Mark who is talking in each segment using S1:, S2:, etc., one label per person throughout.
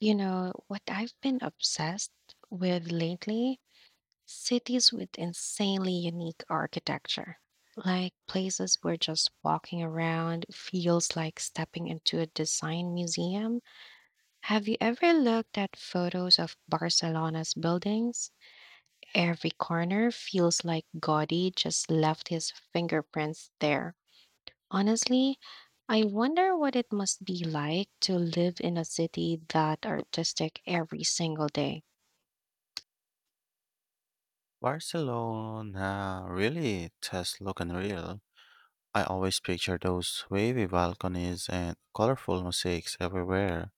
S1: You know, what I've been obsessed with lately, cities with insanely unique architecture. Like places where just walking around feels like stepping into a design museum. Have you ever looked at photos of Barcelona's buildings? Every corner feels like Gaudi just left his fingerprints there. Honestly, I wonder what it must be like to live in a city that artistic every single day.
S2: Barcelona really does look unreal. I always picture those wavy balconies and colorful mosaics everywhere,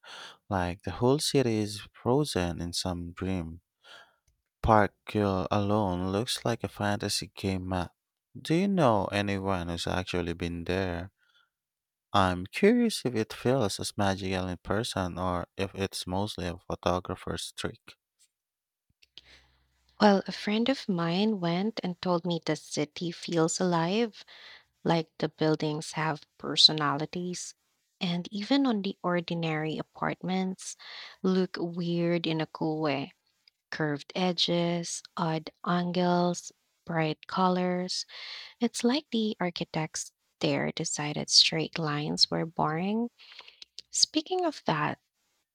S2: like the whole city is frozen in some dream. Park Hill alone looks like a fantasy game map. Do you know anyone who's actually been there? I'm curious if it feels as magical in person or if it's mostly a photographer's trick.
S1: Well, a friend of mine went and told me the city feels alive, like the buildings have personalities. And even on the ordinary apartments, look weird in a cool way. Curved edges, odd angles, bright colors. It's like the architects there decided straight lines were boring. Speaking of that,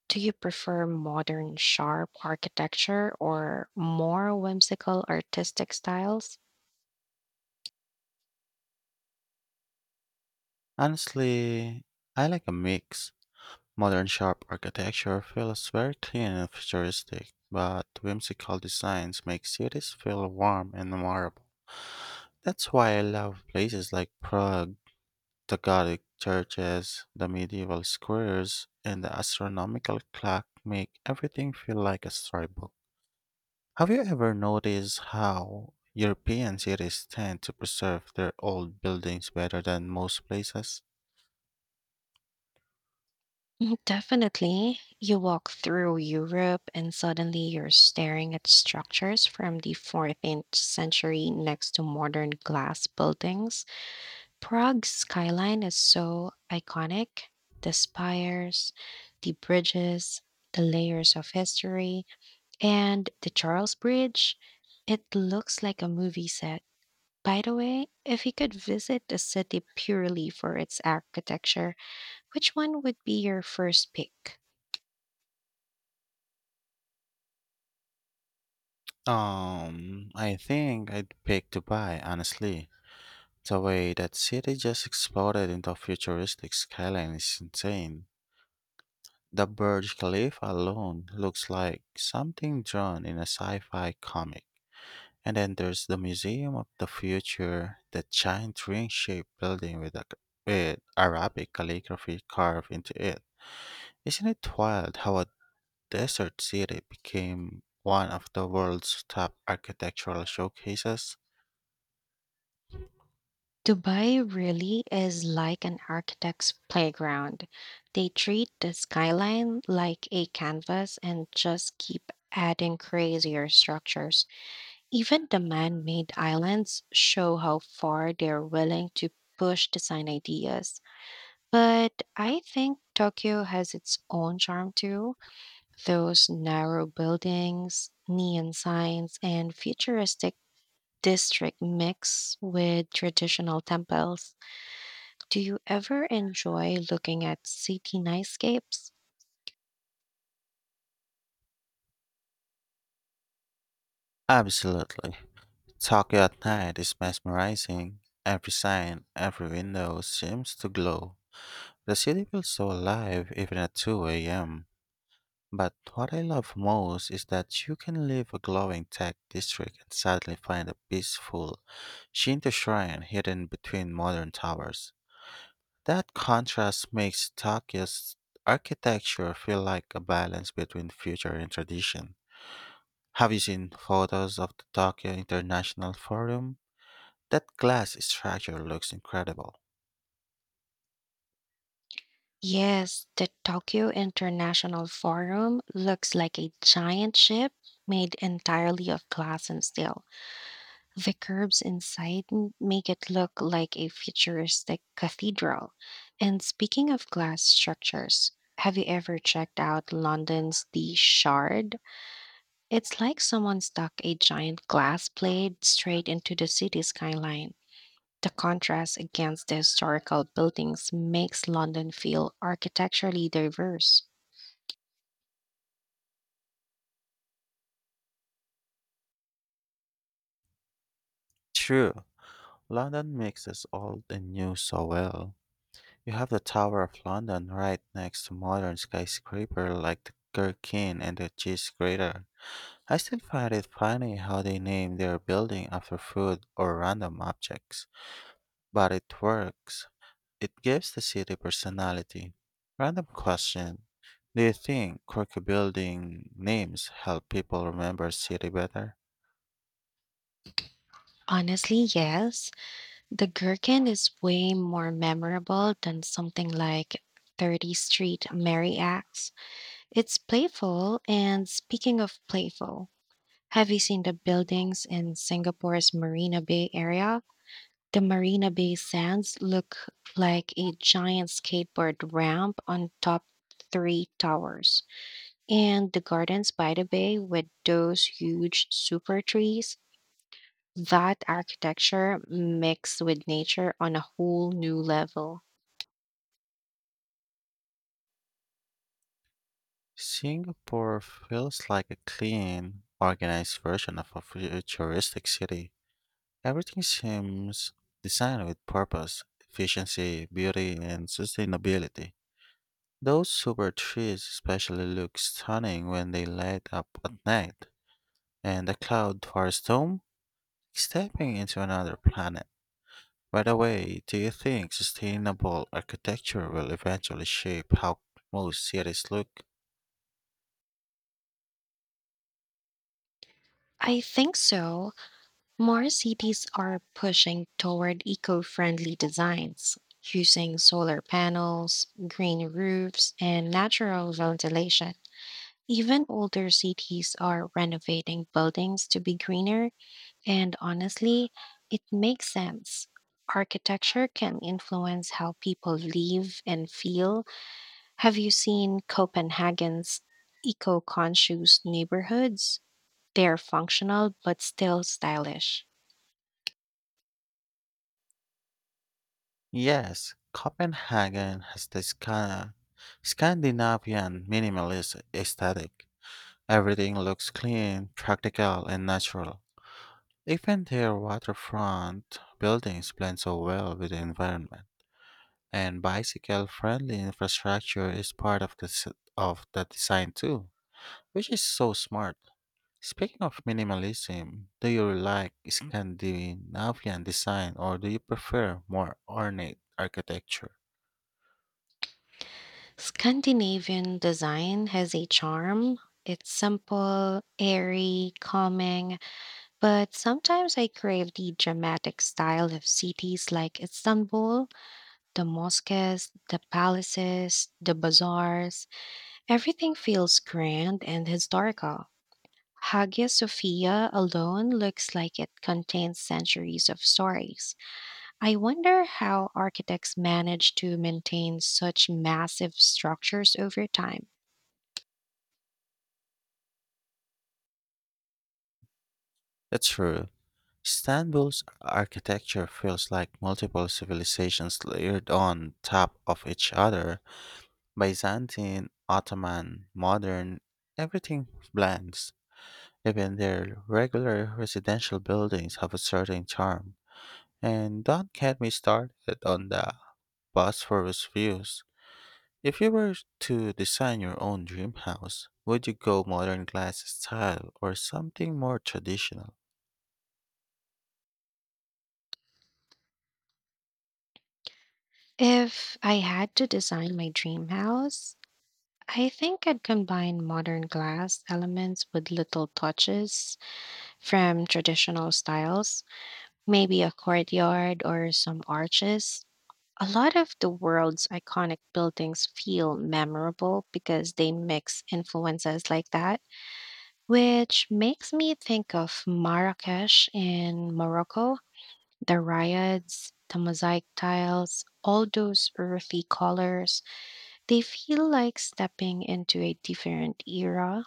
S1: do you prefer modern, sharp architecture or more whimsical artistic styles?
S2: Honestly, I like a mix. Modern shop architecture feels very clean and futuristic, but whimsical designs make cities feel warm and memorable. That's why I love places like Prague, the Gothic churches, the medieval squares, and the astronomical clock make everything feel like a storybook. Have you ever noticed how European cities tend to preserve their old buildings better than most places?
S1: Mm. Definitely. You walk through Europe and suddenly you're staring at structures from the 14th century next to modern glass buildings. Prague's skyline is so iconic. The spires, the bridges, the layers of history, and the Charles Bridge. It looks like a movie set. By the way, if you could visit a city purely for its architecture, which one would be your first pick?
S2: I think I'd pick Dubai, honestly. The way that city just exploded into a futuristic skyline is insane. The Burj Khalifa alone looks like something drawn in a sci-fi comic. And then there's the Museum of the Future, that giant ring-shaped building with Arabic calligraphy carved into it. Isn't it wild how a desert city became one of the world's top architectural showcases?
S1: Dubai really is like an architect's playground. They treat the skyline like a canvas and just keep adding crazier structures. Even the man made islands show how far they're willing to push design ideas. But I think Tokyo has its own charm too. Those narrow buildings, neon signs, and futuristic district mix with traditional temples. Do you ever enjoy looking at city nightscapes?
S2: Absolutely. Tokyo at night is mesmerizing. Every sign, every window seems to glow. The city feels so alive even at 2 a.m. But what I love most is that you can leave a glowing tech district and suddenly find a peaceful Shinto shrine hidden between modern towers. That contrast makes Tokyo's architecture feel like a balance between future and tradition. Have you seen photos of the Tokyo International Forum? That glass structure looks incredible.
S1: Yes, the Tokyo International Forum looks like a giant ship made entirely of glass and steel. The curbs inside make it look like a futuristic cathedral. And speaking of glass structures, have you ever checked out London's The Shard? It's like someone stuck a giant glass plate straight into the city skyline. The contrast against the historical buildings makes London feel architecturally diverse.
S2: True, London mixes old and new so well. You have the Tower of London right next to modern skyscraper like the Gherkin and the Cheese Grater. I still find it funny how they name their building after food or random objects, but it works. It gives the city personality. Random question. Do you think quirky building names help people remember city better?
S1: Honestly, yes. The gherkin is way more memorable than something like 30th Street Merry Axe. It's playful, and speaking of playful, have you seen the buildings in Singapore's Marina Bay area? The Marina Bay sands look like a giant skateboard ramp on top three towers. And the gardens by the bay with those huge super trees, that architecture mixed with nature on a whole new level.
S2: Singapore feels like a clean, organized version of a futuristic city. Everything seems designed with purpose, efficiency, beauty, and sustainability. Those super trees especially look stunning when they light up at night, and the cloud forest dome is stepping into another planet. By the way, do you think sustainable architecture will eventually shape how most cities look?
S1: I think so. More cities are pushing toward eco friendly designs, using solar panels, green roofs, and natural ventilation. Even older cities are renovating buildings to be greener, and honestly, it makes sense. Architecture can influence how people live and feel. Have you seen Copenhagen's eco-conscious neighborhoods? They're functional but still stylish.
S2: Yes, Copenhagen has the Scandinavian minimalist aesthetic. Everything looks clean, practical, and natural. Even their waterfront buildings blend so well with the environment, and bicycle-friendly infrastructure is part of of the design too, which is so smart. Speaking of minimalism, do you like Scandinavian design or do you prefer more ornate architecture?
S1: Scandinavian design has a charm. It's simple, airy, calming, but sometimes I crave the dramatic style of cities like Istanbul, the mosques, the palaces, the bazaars. Everything feels grand and historical. Hagia Sophia alone looks like it contains centuries of stories. I wonder how architects manage to maintain such massive structures over time.
S2: That's true. Istanbul's architecture feels like multiple civilizations layered on top of each other: Byzantine, Ottoman, modern, everything blends. Even their regular residential buildings have a certain charm. And don't get me started on the Bosphorus views. If you were to design your own dream house, would you go modern glass style or something more traditional?
S1: If I had to design my dream house, I think I'd combine modern glass elements with little touches from traditional styles, maybe a courtyard or some arches. A lot of the world's iconic buildings feel memorable because they mix influences like that, which makes me think of Marrakesh in Morocco, the riots, the mosaic tiles, all those earthy colors. They feel like stepping into a different era.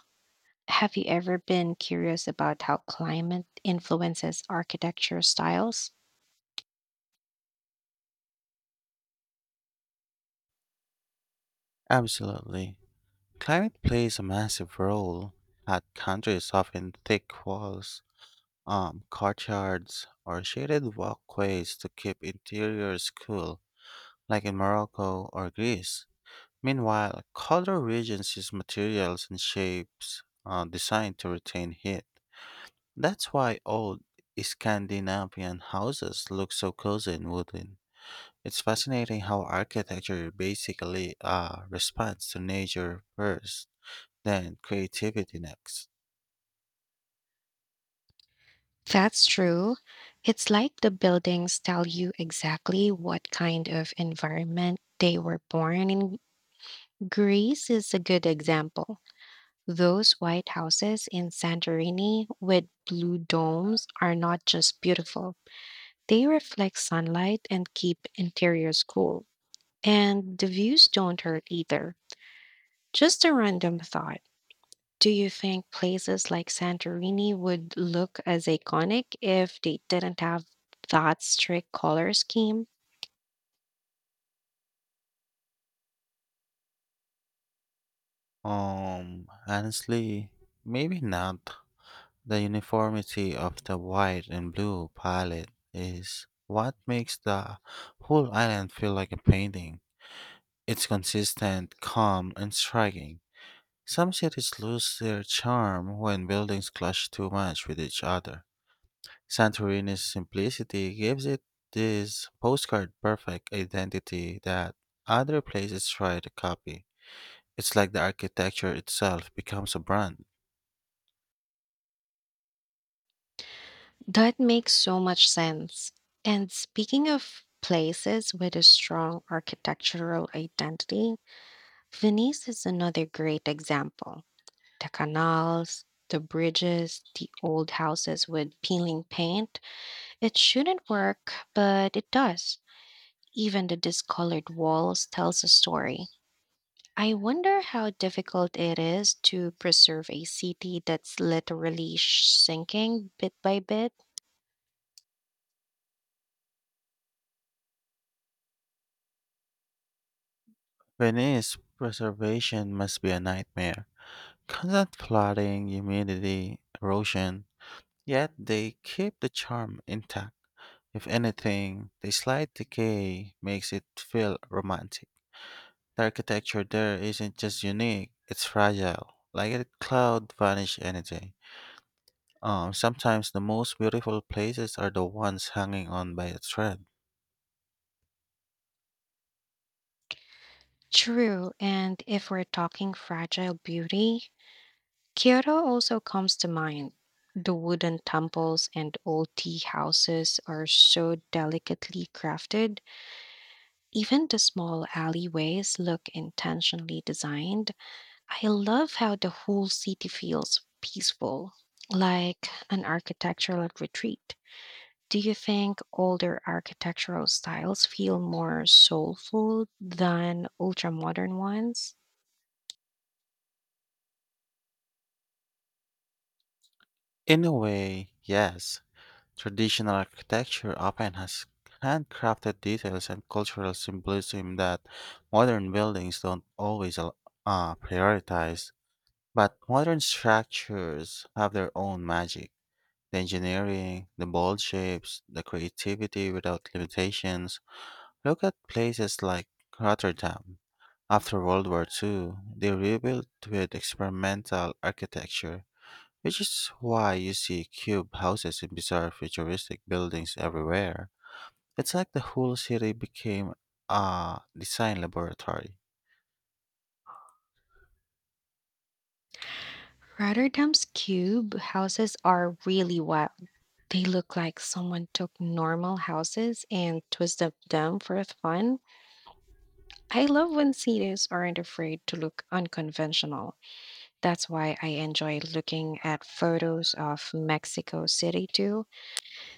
S1: Have you ever been curious about how climate influences architecture styles?
S2: Absolutely. Climate plays a massive role. Hot countries often thick walls, courtyards, or shaded walkways to keep interiors cool, like in Morocco or Greece. Meanwhile, colder regions use materials and shapes designed to retain heat. That's why old Scandinavian houses look so cozy and wooden. It's fascinating how architecture basically responds to nature first. Then creativity next.
S1: That's true. It's like the buildings tell you exactly what kind of environment they were born in. Greece is a good example. Those white houses in Santorini with blue domes are not just beautiful, they reflect sunlight and keep interiors cool. And the views don't hurt either. Just a random thought. Do you think places like Santorini would look as iconic if they didn't have that strict color scheme?
S2: Honestly, maybe not. The uniformity of the white and blue palette is what makes the whole island feel like a painting. It's consistent, calm, and striking. Some cities lose their charm when buildings clash too much with each other. Santorini's simplicity gives it this postcard perfect identity that other places try to copy. It's like the architecture itself becomes a brand.
S1: That makes so much sense. And speaking of places with a strong architectural identity, Venice is another great example. The canals, the bridges, the old houses with peeling paint. It shouldn't work, but it does. Even the discolored walls tells a story. I wonder how difficult it is to preserve a city that's literally sinking bit by bit.
S2: Venice preservation must be a nightmare. Constant flooding, humidity, erosion. Yet they keep the charm intact. If anything, the slight decay makes it feel romantic. The architecture there isn't just unique, it's fragile, like a cloud vanish any day. Sometimes the most beautiful places are the ones hanging on by a thread.
S1: True, and if we're talking fragile beauty, Kyoto also comes to mind. The wooden temples and old tea houses are so delicately crafted. Even the small alleyways look intentionally designed. I love how the whole city feels peaceful, like an architectural retreat. Do you think older architectural styles feel more soulful than ultra modern ones?
S2: In a way, yes. Traditional architecture often has handcrafted details and cultural symbolism that modern buildings don't always prioritize. But modern structures have their own magic. The engineering, the bold shapes, the creativity without limitations. Look at places like Rotterdam. After World War II, they rebuilt with experimental architecture which is why you see cube houses and bizarre futuristic buildings everywhere. It's like the whole city became a design laboratory.
S1: Rotterdam's cube houses are really wild. They look like someone took normal houses and twisted them for fun. I love when cities aren't afraid to look unconventional. That's why I enjoy looking at photos of Mexico City too.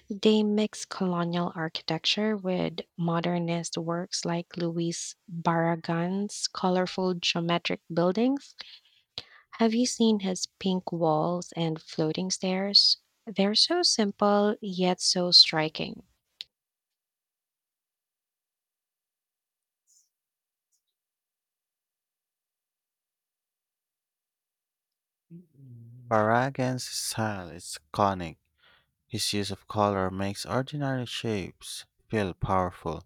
S1: They mix colonial architecture with modernist works like Luis Barragan's colorful geometric buildings. Have you seen his pink walls and floating stairs? They're so simple yet so striking.
S2: Barragan's style is iconic. His use of color makes ordinary shapes feel powerful.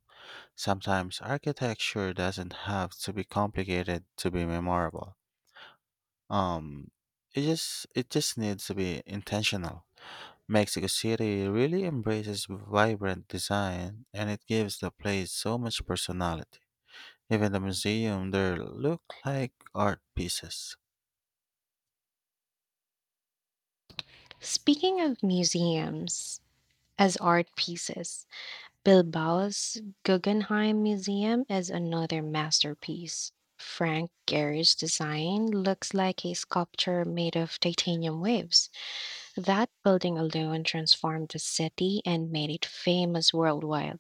S2: Sometimes architecture doesn't have to be complicated to be memorable. Um, it just needs to be intentional. Mexico City really embraces vibrant design and it gives the place so much personality. Even the museum there look like art pieces.
S1: Speaking of museums as art pieces, Bilbao's Guggenheim Museum is another masterpiece. Frank Gehry's design looks like a sculpture made of titanium waves. That building alone transformed the city and made it famous worldwide.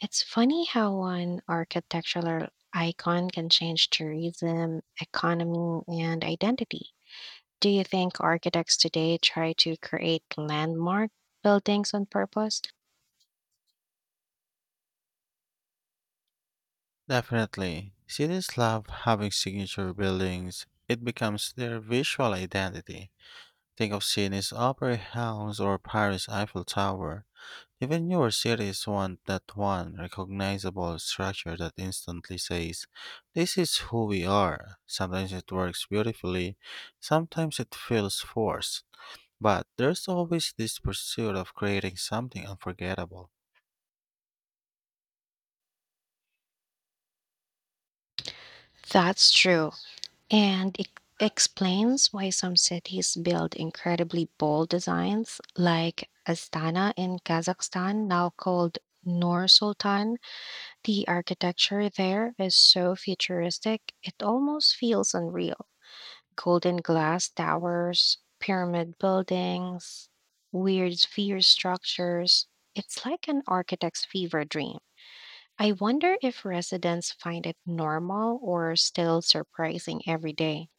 S1: It's funny how one architectural icon can change tourism, economy, and identity. Do you think architects today try to create landmark buildings on purpose?
S2: Definitely, cities love having signature buildings. It becomes their visual identity. Think of Sydney's Opera House or Paris Eiffel Tower. Even newer series want that one recognizable structure that instantly says, "This is who we are." Sometimes it works beautifully, sometimes it feels forced, but there's always this pursuit of creating something unforgettable.
S1: That's true. And it explains why some cities build incredibly bold designs, like Astana in Kazakhstan, now called Nur Sultan. The architecture there is so futuristic, it almost feels unreal. Golden glass towers, pyramid buildings, weird sphere structures. It's like an architect's fever dream. I wonder if residents find it normal or still surprising every day.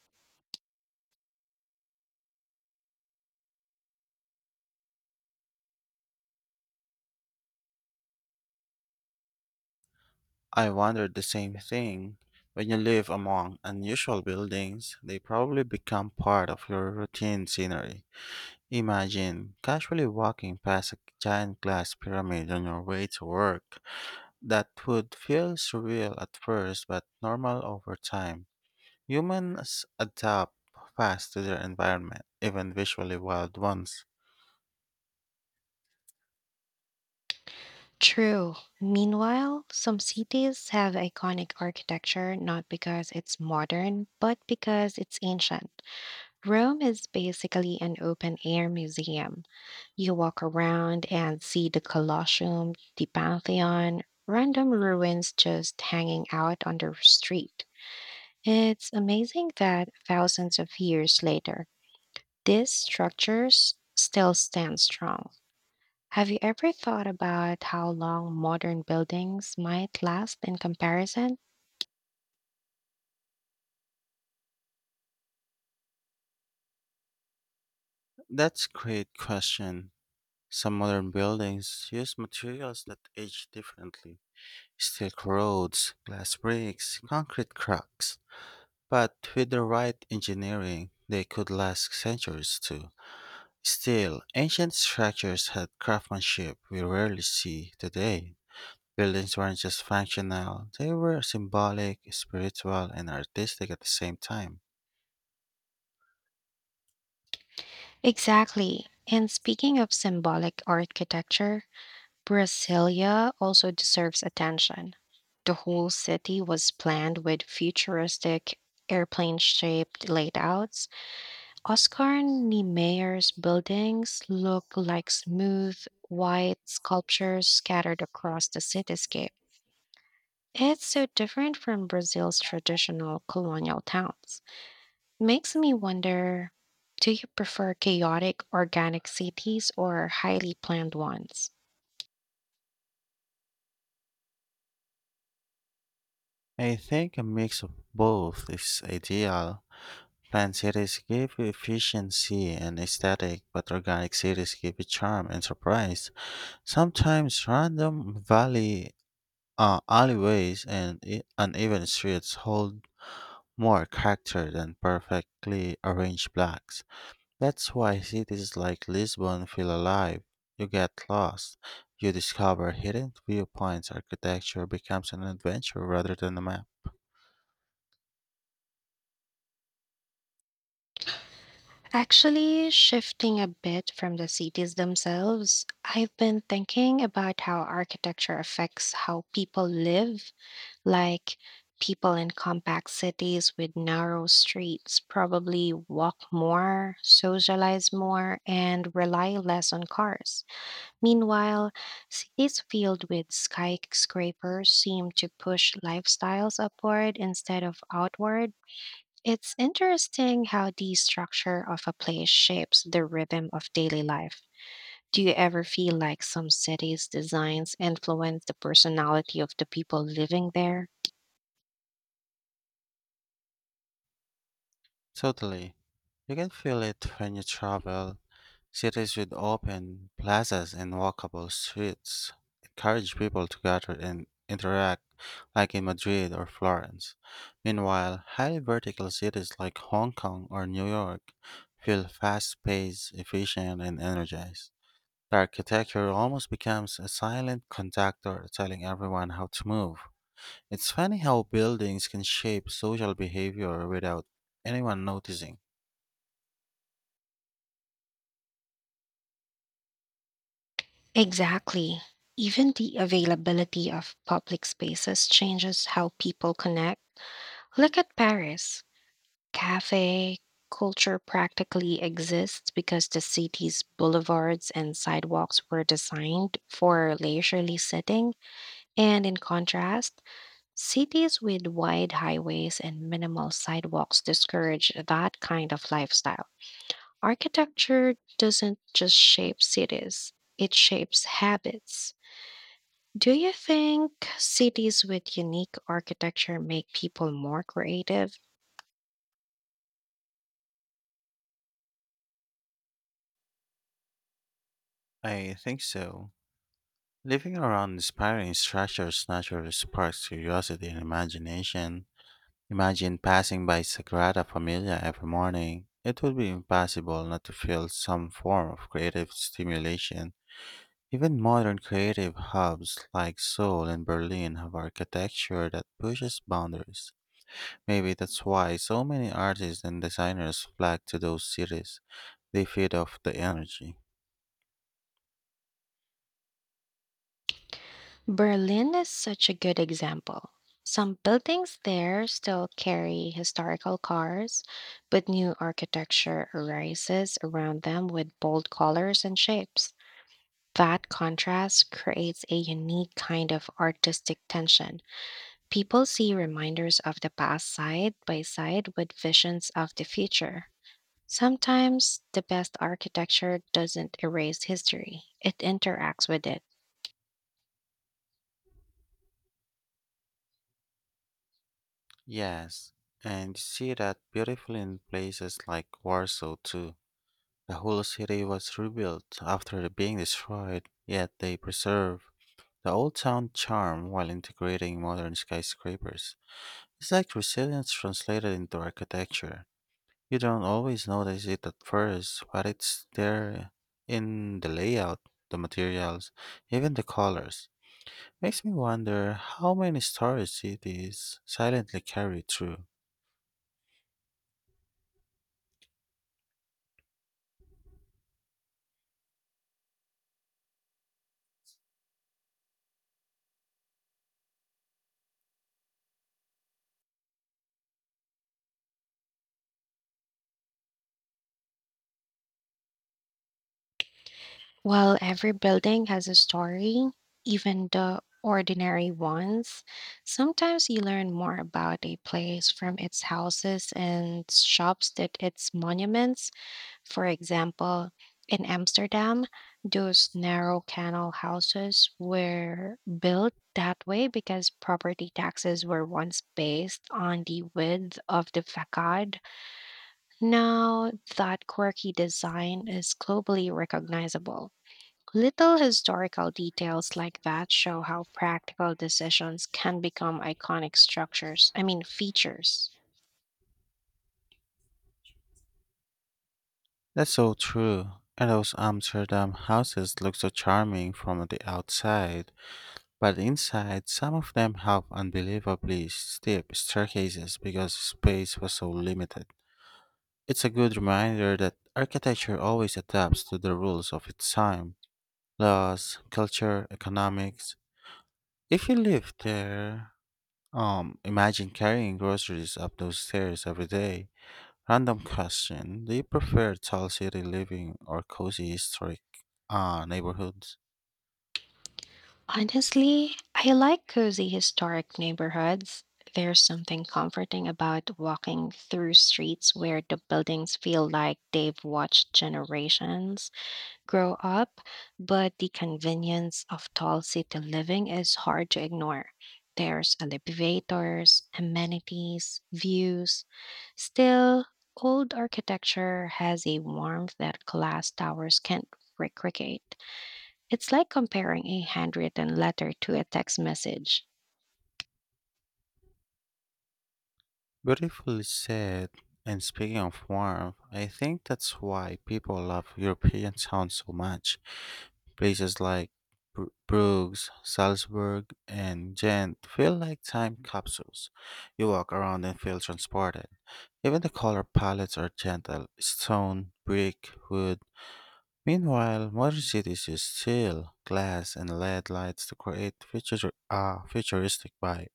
S2: I wondered the same thing. When you live among unusual buildings, they probably become part of your routine scenery. Imagine casually walking past a giant glass pyramid on your way to work. That would feel surreal at first, but normal over time. Humans adapt fast to their environment, even visually wild ones.
S1: True. Meanwhile, some cities have iconic architecture not because it's modern, but because it's ancient. Rome is basically an open air museum. You walk around and see the Colosseum, the Pantheon, random ruins just hanging out on the street. It's amazing that thousands of years later, these structures still stand strong. Have you ever thought about how long modern buildings might last in comparison?
S2: That's a great question. Some modern buildings use materials that age differently. Steel roads, glass bricks, concrete cracks. But with the right engineering, they could last centuries too. Still, ancient structures had craftsmanship we rarely see today. Buildings weren't just functional, they were symbolic, spiritual, and artistic at the same time.
S1: Exactly. And speaking of symbolic architecture, Brasilia also deserves attention. The whole city was planned with futuristic airplane shaped layouts. Oscar Niemeyer's buildings look like smooth, white sculptures scattered across the cityscape. It's so different from Brazil's traditional colonial towns. Makes me wonder, do you prefer chaotic, organic cities or highly planned ones?
S2: I think a mix of both is ideal. Planned cities give you efficiency and aesthetic, but organic cities give you charm and surprise. Sometimes random valley alleyways and uneven streets hold more character than perfectly arranged blocks. That's why cities like Lisbon feel alive. You get lost, you discover hidden viewpoints, architecture becomes an adventure rather than a map.
S1: Actually, shifting a bit from the cities themselves, I've been thinking about how architecture affects how people live. Like, people in compact cities with narrow streets probably walk more, socialize more, and rely less on cars. Meanwhile, cities filled with skyscrapers seem to push lifestyles upward instead of outward. It's interesting how the structure of a place shapes the rhythm of daily life. Do you ever feel like some cities' designs influence the personality of the people living there?
S2: Totally. You can feel it when you travel. Cities with open plazas and walkable streets encourage people to gather and interact, like in Madrid or Florence. Meanwhile, highly vertical cities like Hong Kong or New York feel fast paced, efficient, and energized. The architecture almost becomes a silent conductor telling everyone how to move. It's funny how buildings can shape social behavior without anyone noticing.
S1: Exactly. Even the availability of public spaces changes how people connect. Look at Paris. Cafe culture practically exists because the city's boulevards and sidewalks were designed for leisurely sitting. And in contrast, cities with wide highways and minimal sidewalks discourage that kind of lifestyle. Architecture doesn't just shape cities, it shapes habits. Do you think cities with unique architecture make people more creative?
S2: I think so. Living around inspiring structures naturally sparks curiosity and imagination. Imagine passing by Sagrada Familia every morning. It would be impossible not to feel some form of creative stimulation. Even modern creative hubs like Seoul and Berlin have architecture that pushes boundaries. Maybe that's why so many artists and designers flock to those cities. They feed off the energy.
S1: Berlin is such a good example. Some buildings there still carry historical cars, but new architecture arises around them with bold colors and shapes. That contrast creates a unique kind of artistic tension. People see reminders of the past side by side with visions of the future. Sometimes the best architecture doesn't erase history, it interacts with it.
S2: Yes, and you see that beautifully in places like Warsaw too. The whole city was rebuilt after being destroyed, yet they preserve the old town charm while integrating modern skyscrapers. It's like resilience translated into architecture. You don't always notice it at first, but it's there in the layout, the materials, even the colors. Makes me wonder how many stories cities silently carry through.
S1: While every building has a story, even the ordinary ones, sometimes you learn more about a place from its houses and shops than its monuments. For example, in Amsterdam, those narrow canal houses were built that way because property taxes were once based on the width of the facade. Now, that quirky design is globally recognizable. Little historical details like that show how practical decisions can become iconic structures, I mean, features.
S2: That's so true. And those Amsterdam houses look so charming from the outside, but inside, some of them have unbelievably steep staircases because space was so limited. It's a good reminder that architecture always adapts to the rules of its time: laws, culture, economics. If you live there, imagine carrying groceries up those stairs every day. Random question: do you prefer tall city living or cozy historic neighborhoods?
S1: Honestly, I like cozy historic neighborhoods. There's something comforting about walking through streets where the buildings feel like they've watched generations grow up, but the convenience of tall city living is hard to ignore. There's elevators, amenities, views. Still, old architecture has a warmth that glass towers can't recreate. It's like comparing a handwritten letter to a text message.
S2: Beautifully said. And speaking of warmth, I think that's why people love European towns so much. Places like Bruges, Salzburg, and Ghent feel like time capsules. You walk around and feel transported. Even the color palettes are gentle stone, brick, wood. Meanwhile, modern cities use steel, glass, and LED lights to create futuristic vibe.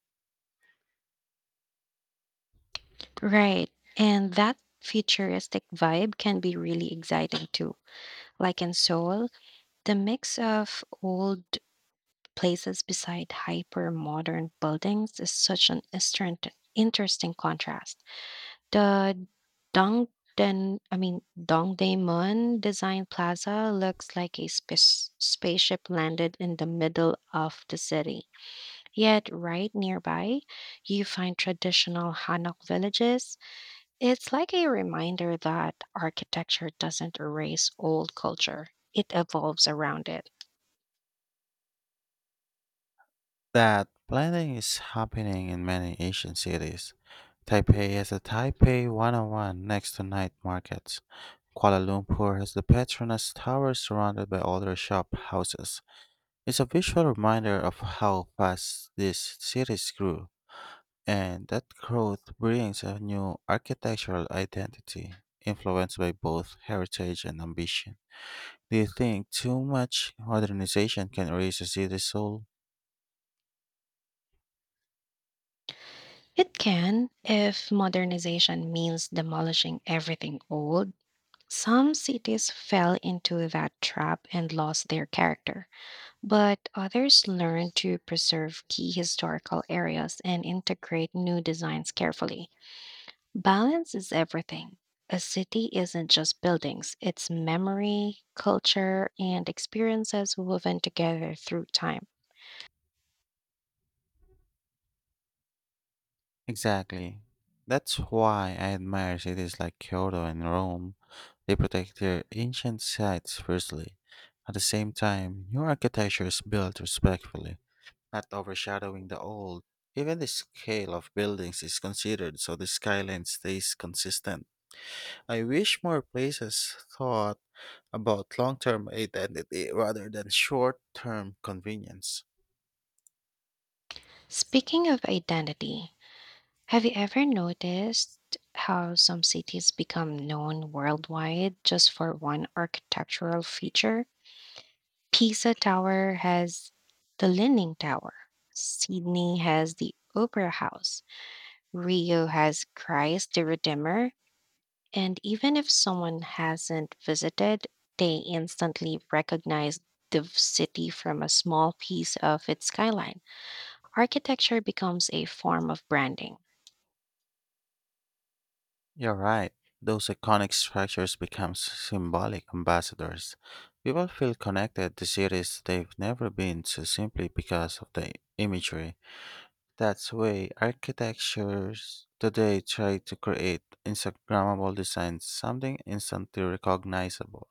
S1: Right. And that futuristic vibe can be really exciting too. Like in Seoul, the mix of old places beside hyper modern buildings is such an interesting contrast. The Dongdaemun, I mean Dongdaemun Design Plaza looks like a spaceship landed in the middle of the city. Yet, right nearby, you find traditional Hanok villages. It's like a reminder that architecture doesn't erase old culture, it evolves around it.
S2: That blending is happening in many Asian cities. Taipei has the Taipei 101 next to night markets. Kuala Lumpur has the Petronas Tower surrounded by older shop houses. It's a visual reminder of how fast these cities grew. And that growth brings a new architectural identity, influenced by both heritage and ambition. Do you think too much modernization can erase a city's soul?
S1: It can, if modernization means demolishing everything old. Some cities fell into that trap and lost their character, but others learned to preserve key historical areas and integrate new designs carefully. Balance is everything. A city isn't just buildings, it's memory, culture, and experiences woven together through time.
S2: Exactly. That's why I admire cities like Kyoto and Rome. They protect their ancient sites fiercely. At the same time, new architecture is built respectfully, not overshadowing the old. Even the scale of buildings is considered so the skyline stays consistent. I wish more places thought about long term identity rather than short term convenience.
S1: Speaking of identity, have you ever noticed how some cities become known worldwide just for one architectural feature? Pisa Tower has the Leaning Tower, Sydney has the Opera House, Rio has Christ the Redeemer. And even if someone hasn't visited, they instantly recognize the city from a small piece of its skyline. Architecture becomes a form of branding.
S2: You're right. Those iconic structures become symbolic ambassadors. People feel connected to cities they've never been to simply because of the imagery. That's why architectures today try to create Instagrammable designs, something instantly recognizable.